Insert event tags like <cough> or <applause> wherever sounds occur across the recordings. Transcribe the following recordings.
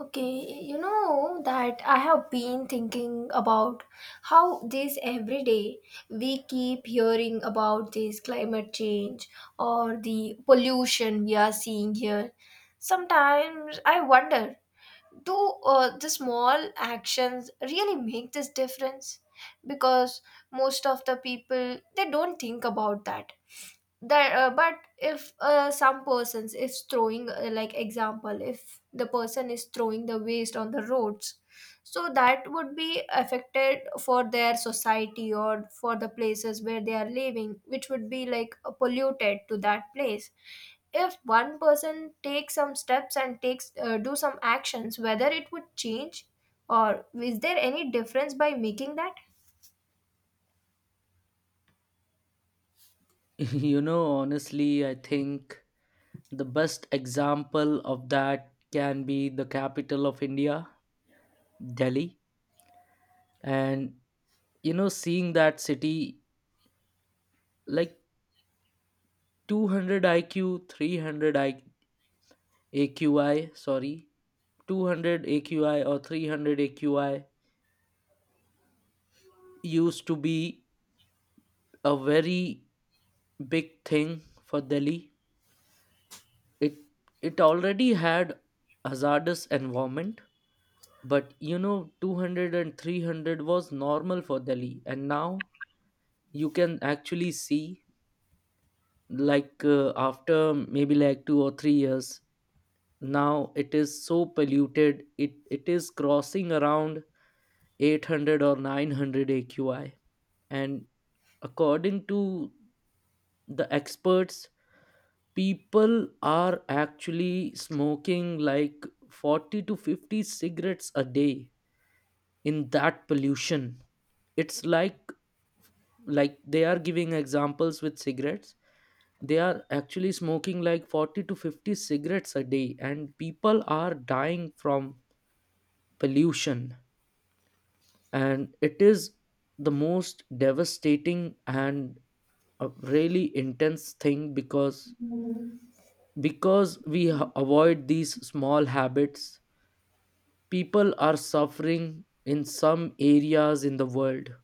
Okay, you know that I have been thinking about how this every day we keep hearing about this climate change or the pollution we are seeing here. Sometimes I wonder, do the small actions really make this difference? Because most of the people they don't think about that, but if some persons is throwing like example if the person is throwing the waste on the roads, so that would be affected for their society or for the places where they are living, which would be like polluted to that place. If one person takes some steps and takes, do some actions, whether it would change or is there any difference by making that. <laughs> You know, honestly, I think the best example of that can be the capital of India, Delhi. And, you know, seeing that city, like 200 IQ, 300 AQI, sorry, 200 AQI or 300 AQI used to be a very big thing for Delhi. It it already had hazardous environment, but 200 and 300 was normal for delhi. And now you can actually see, like, after maybe like 2 or 3 years, now it is so polluted, it is crossing around 800 or 900 AQI. And according to the experts, people are actually smoking like 40 to 50 cigarettes a day in that pollution. It's like, they are giving examples with cigarettes. They are actually smoking like 40 to 50 cigarettes a day, and people are dying from pollution. And it is the most devastating and a really intense thing, because avoid these small habits, people are suffering in some areas in the world.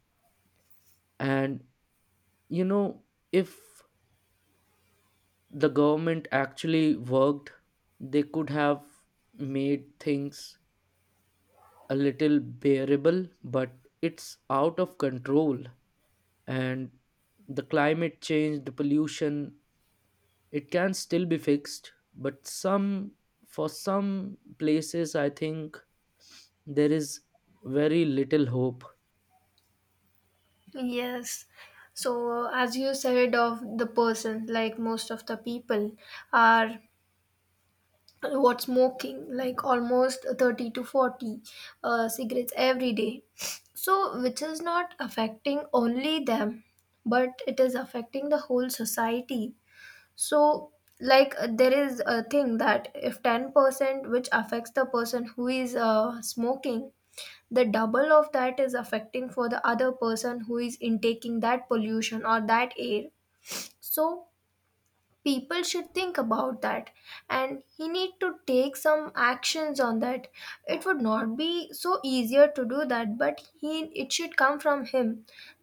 And you know if the government actually worked, they could have made things a little bearable, but it's out of control. And the climate change, the pollution, it can still be fixed. But for some places, I think there is very little hope. Yes. So, as you said, of the person, like most of the people are what smoking, like almost 30 to 40 cigarettes every day. So, which is not affecting only them, but it is affecting the whole society. So, there is a thing that if 10% which affects the person who is smoking, the double of that is affecting for the other person who is intaking that pollution or that air. So people should think about that, and he need to take some actions on that. It would not be so easier to do that, but he, it should come from him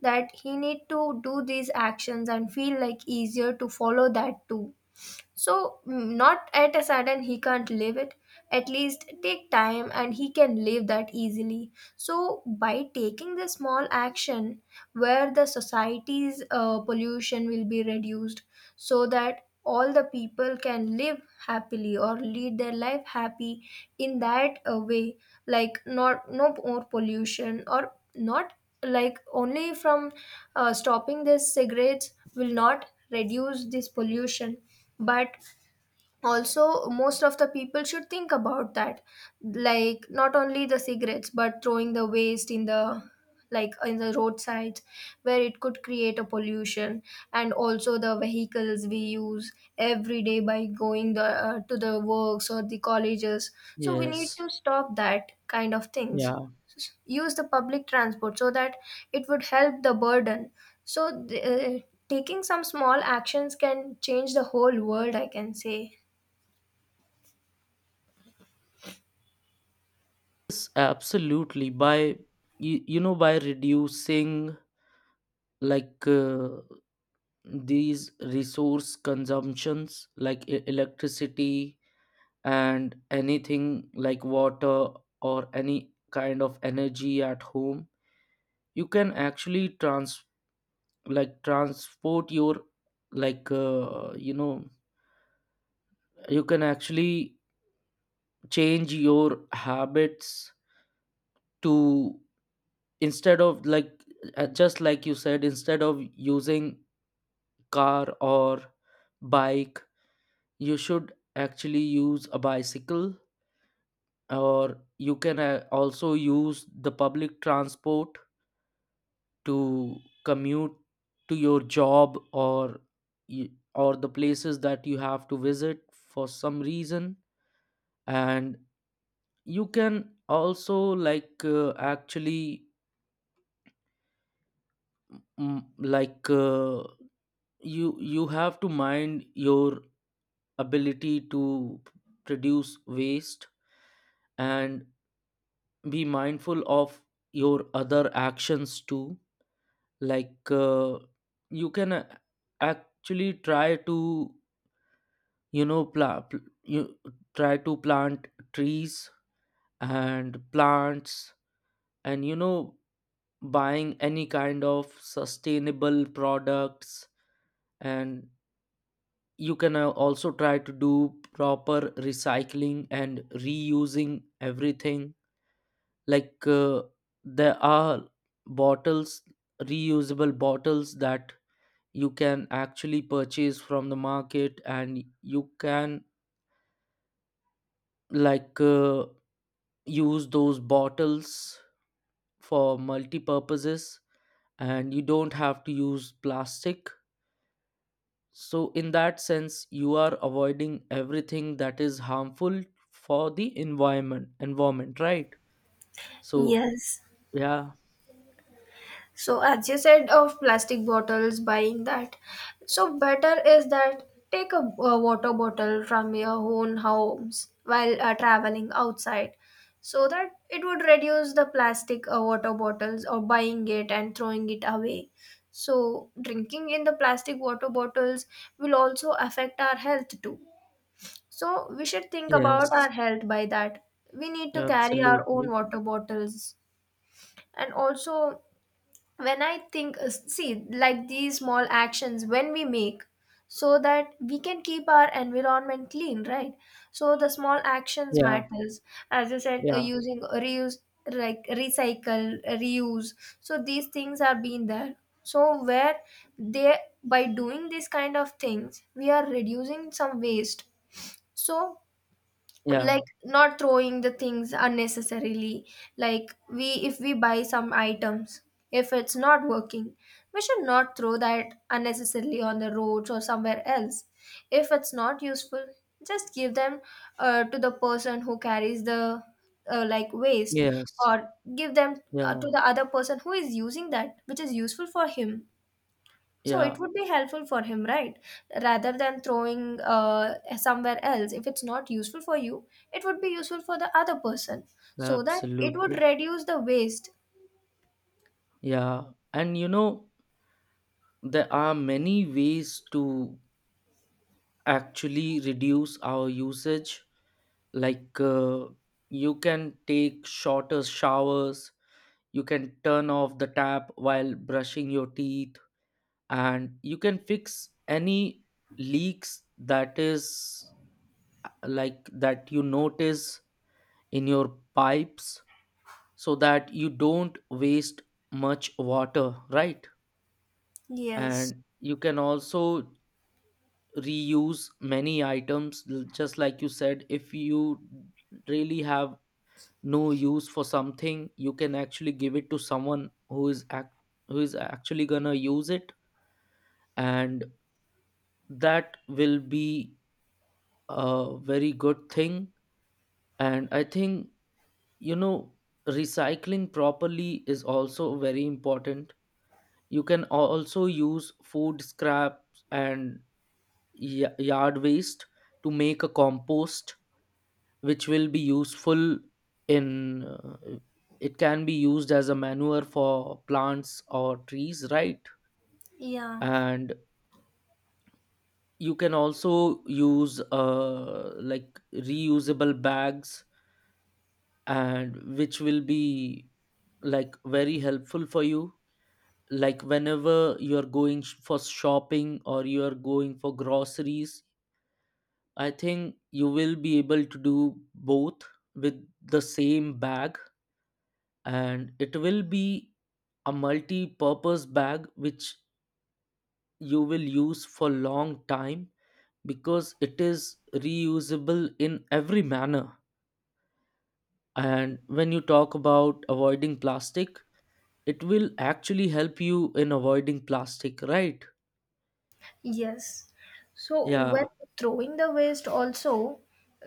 that he need to do these actions and feel like easier to follow that too. So, not at a sudden he can't live it. At least take time and he can live that easily. So, by taking the small action, where the society's pollution will be reduced so that all the people can live happily or lead their life happy in that way, like not no more pollution or not, like only from stopping these cigarettes will not reduce this pollution, but also most of the people should think about that, like not only the cigarettes but throwing the waste in the, like in the roadsides, where it could create a pollution, and also the vehicles we use every day by going the to the works or the colleges, so we need Yes. to stop that kind of things, Yeah. use the public transport so that it would help the burden. So taking some small actions can change the whole world, I can say. Yes, absolutely. By you, you know, by reducing, like, these resource consumptions like electricity, and anything like water or any kind of energy at home, you can actually transport your, like, you can actually change your habits, to, instead of like, just like you said, instead of using car or bike, you should actually use a bicycle. Or you can also use the public transport to commute to your job, or y- or the places that you have to visit for some reason. And you can also, like, actually, mm, like uh, you have to mind your ability to produce waste, and be mindful of your other actions too. Like, you can, actually try to, you know pla- pl- you plant trees and plants. And buying any kind of sustainable products. And you can, also try to do proper recycling and reusing everything. Like, there are bottles reusable bottles that you can actually purchase from the market, and you can, like, use those bottles for multi purposes, and you don't have to use plastic. So in that sense, you are avoiding everything that is harmful for the environment, right? So, Yes. yeah. So as you said of plastic bottles buying that. So better is that take a, water bottle from your own homes while traveling outside, so that it would reduce the plastic water bottles or buying it and throwing it away. So drinking in the plastic water bottles will also affect our health too. So we should think about Yes. our health by that. We need to carry our own Absolutely. water bottles, and also when I think see like these small actions when we make, so that we can keep our environment clean, right? So the small actions Yeah, matters, as you said, yeah, using reuse, like recycle, reuse. So these things are being there, so where they, by doing these kind of things we are reducing some waste. So, yeah. like not throwing the things unnecessarily, like we, if we buy some items, if it's not working, we should not throw that unnecessarily on the roads or somewhere else. If it's not useful, just give them to the person who carries the like waste, Yes. or give them to Yeah, the other person who is using that, which is useful for him, so it yeah. would be helpful for him, right? Rather than throwing somewhere else. If it's not useful for you, it would be useful for the other person, so that it would Absolutely. reduce the waste. Yeah. And there are many ways to actually reduce our usage. Like, you can take shorter showers, you can turn off the tap while brushing your teeth, and you can fix any leaks that is, like that you notice in your pipes, so that you don't waste much water, right? Yes. And you can also reuse many items, just like you said. If you really have no use for something, you can actually give it to someone who who is actually going to use it, and that will be a very good thing. And I think, you know recycling properly is also very important. You can also use food scraps and yard waste to make a compost, which will be useful, in it can be used as a manure for plants or trees, right? Yeah. And you can also use, like, reusable bags, and which will be like very helpful for you, like whenever you're going for shopping, or you're going for groceries. I think you will be able to do both with the same bag, and it will be a multi-purpose bag which you will use for long time, because it is reusable in every manner. And when you talk about avoiding plastic, it will actually help you in avoiding plastic, right? Yes. So when Yeah. throwing the waste also,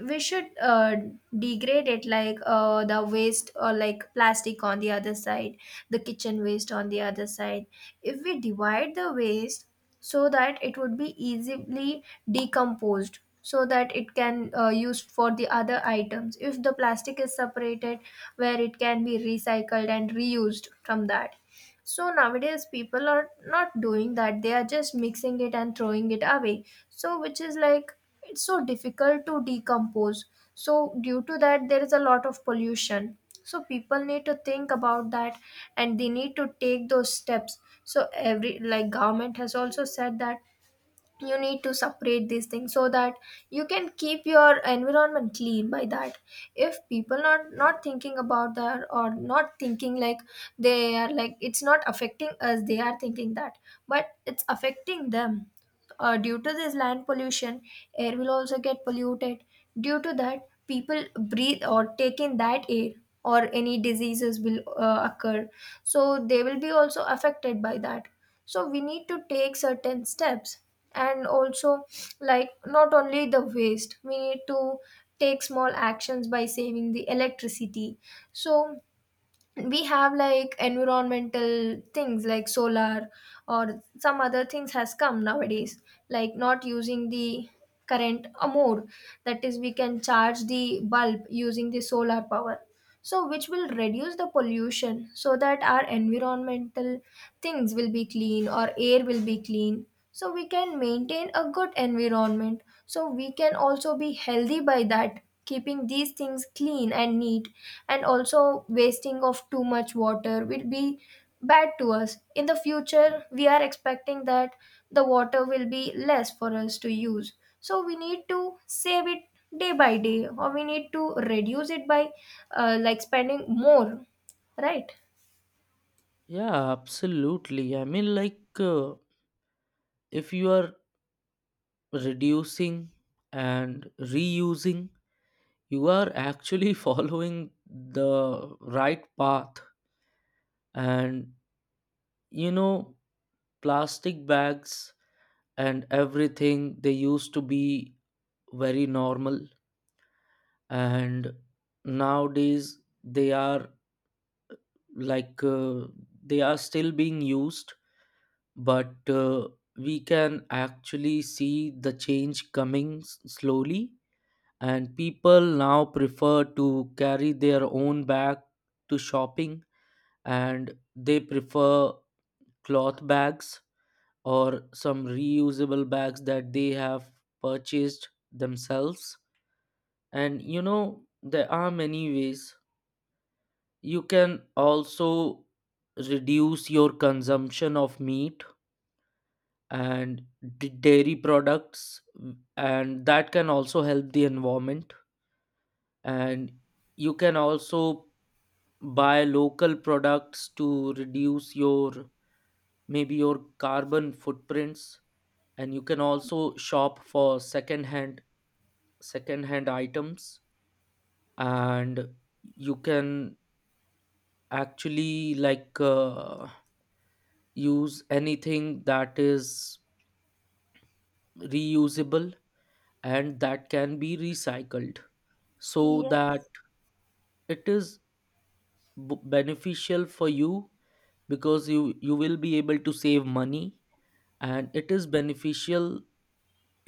we should degrade it, like the waste or like plastic on the other side, the kitchen waste on the other side. If we divide the waste so that it would be easily decomposed so that it can used for the other items. If the plastic is separated where it can be recycled and reused from that, so nowadays people are not doing that, they are just mixing it and throwing it away, so which is like it's so difficult to decompose. So due to that there is a lot of pollution. So people need to think about that, and they need to take those steps. So every, like, government has also said that you need to separate these things so that you can keep your environment clean by that. If people not not thinking about that, or not thinking like they are, like, it's not affecting us, they are thinking that, but it's affecting them, due to this land pollution, air will also get polluted, due to that people breathe or take in that air, or any diseases will occur, so they will be also affected by that. So we need to take certain steps, and also, like, not only the waste, we need to take small actions by saving the electricity. So we have like environmental things like solar, or some other things has come nowadays, like not using the current more, that is we can charge the bulb using the solar power, so which will reduce the pollution so that our environmental things will be clean or air will be clean. So we can maintain a good environment, so we can also be healthy by that, keeping these things clean and neat. And also wasting of too much water will be bad to us in the future. We are expecting that the water will be less for us to use, so we need to save it day by day, or we need to reduce it by like spending more, right? Yeah, absolutely. I mean, like, if you are reducing and reusing, you are actually <laughs> following the right path. And you know plastic bags and everything, they used to be very normal. And nowadays like uh, they are still being used. But, we can actually see the change coming, slowly. And people now prefer to carry their own bag to shopping, and they prefer cloth bags or some reusable bags that they have purchased themselves. And there are many ways. You can also reduce your consumption of meat and dairy products, and that can also help the environment. And you can also buy local products to reduce your maybe your carbon footprints. And you can also shop for second hand items. And you can actually, like, use anything that is reusable and that can be recycled, so that Yes. it is beneficial for you, because you will be able to save money. And it is beneficial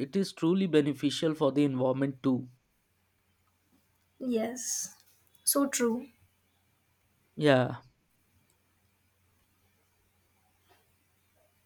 it is truly beneficial for the environment too. Yes, so true. Yeah.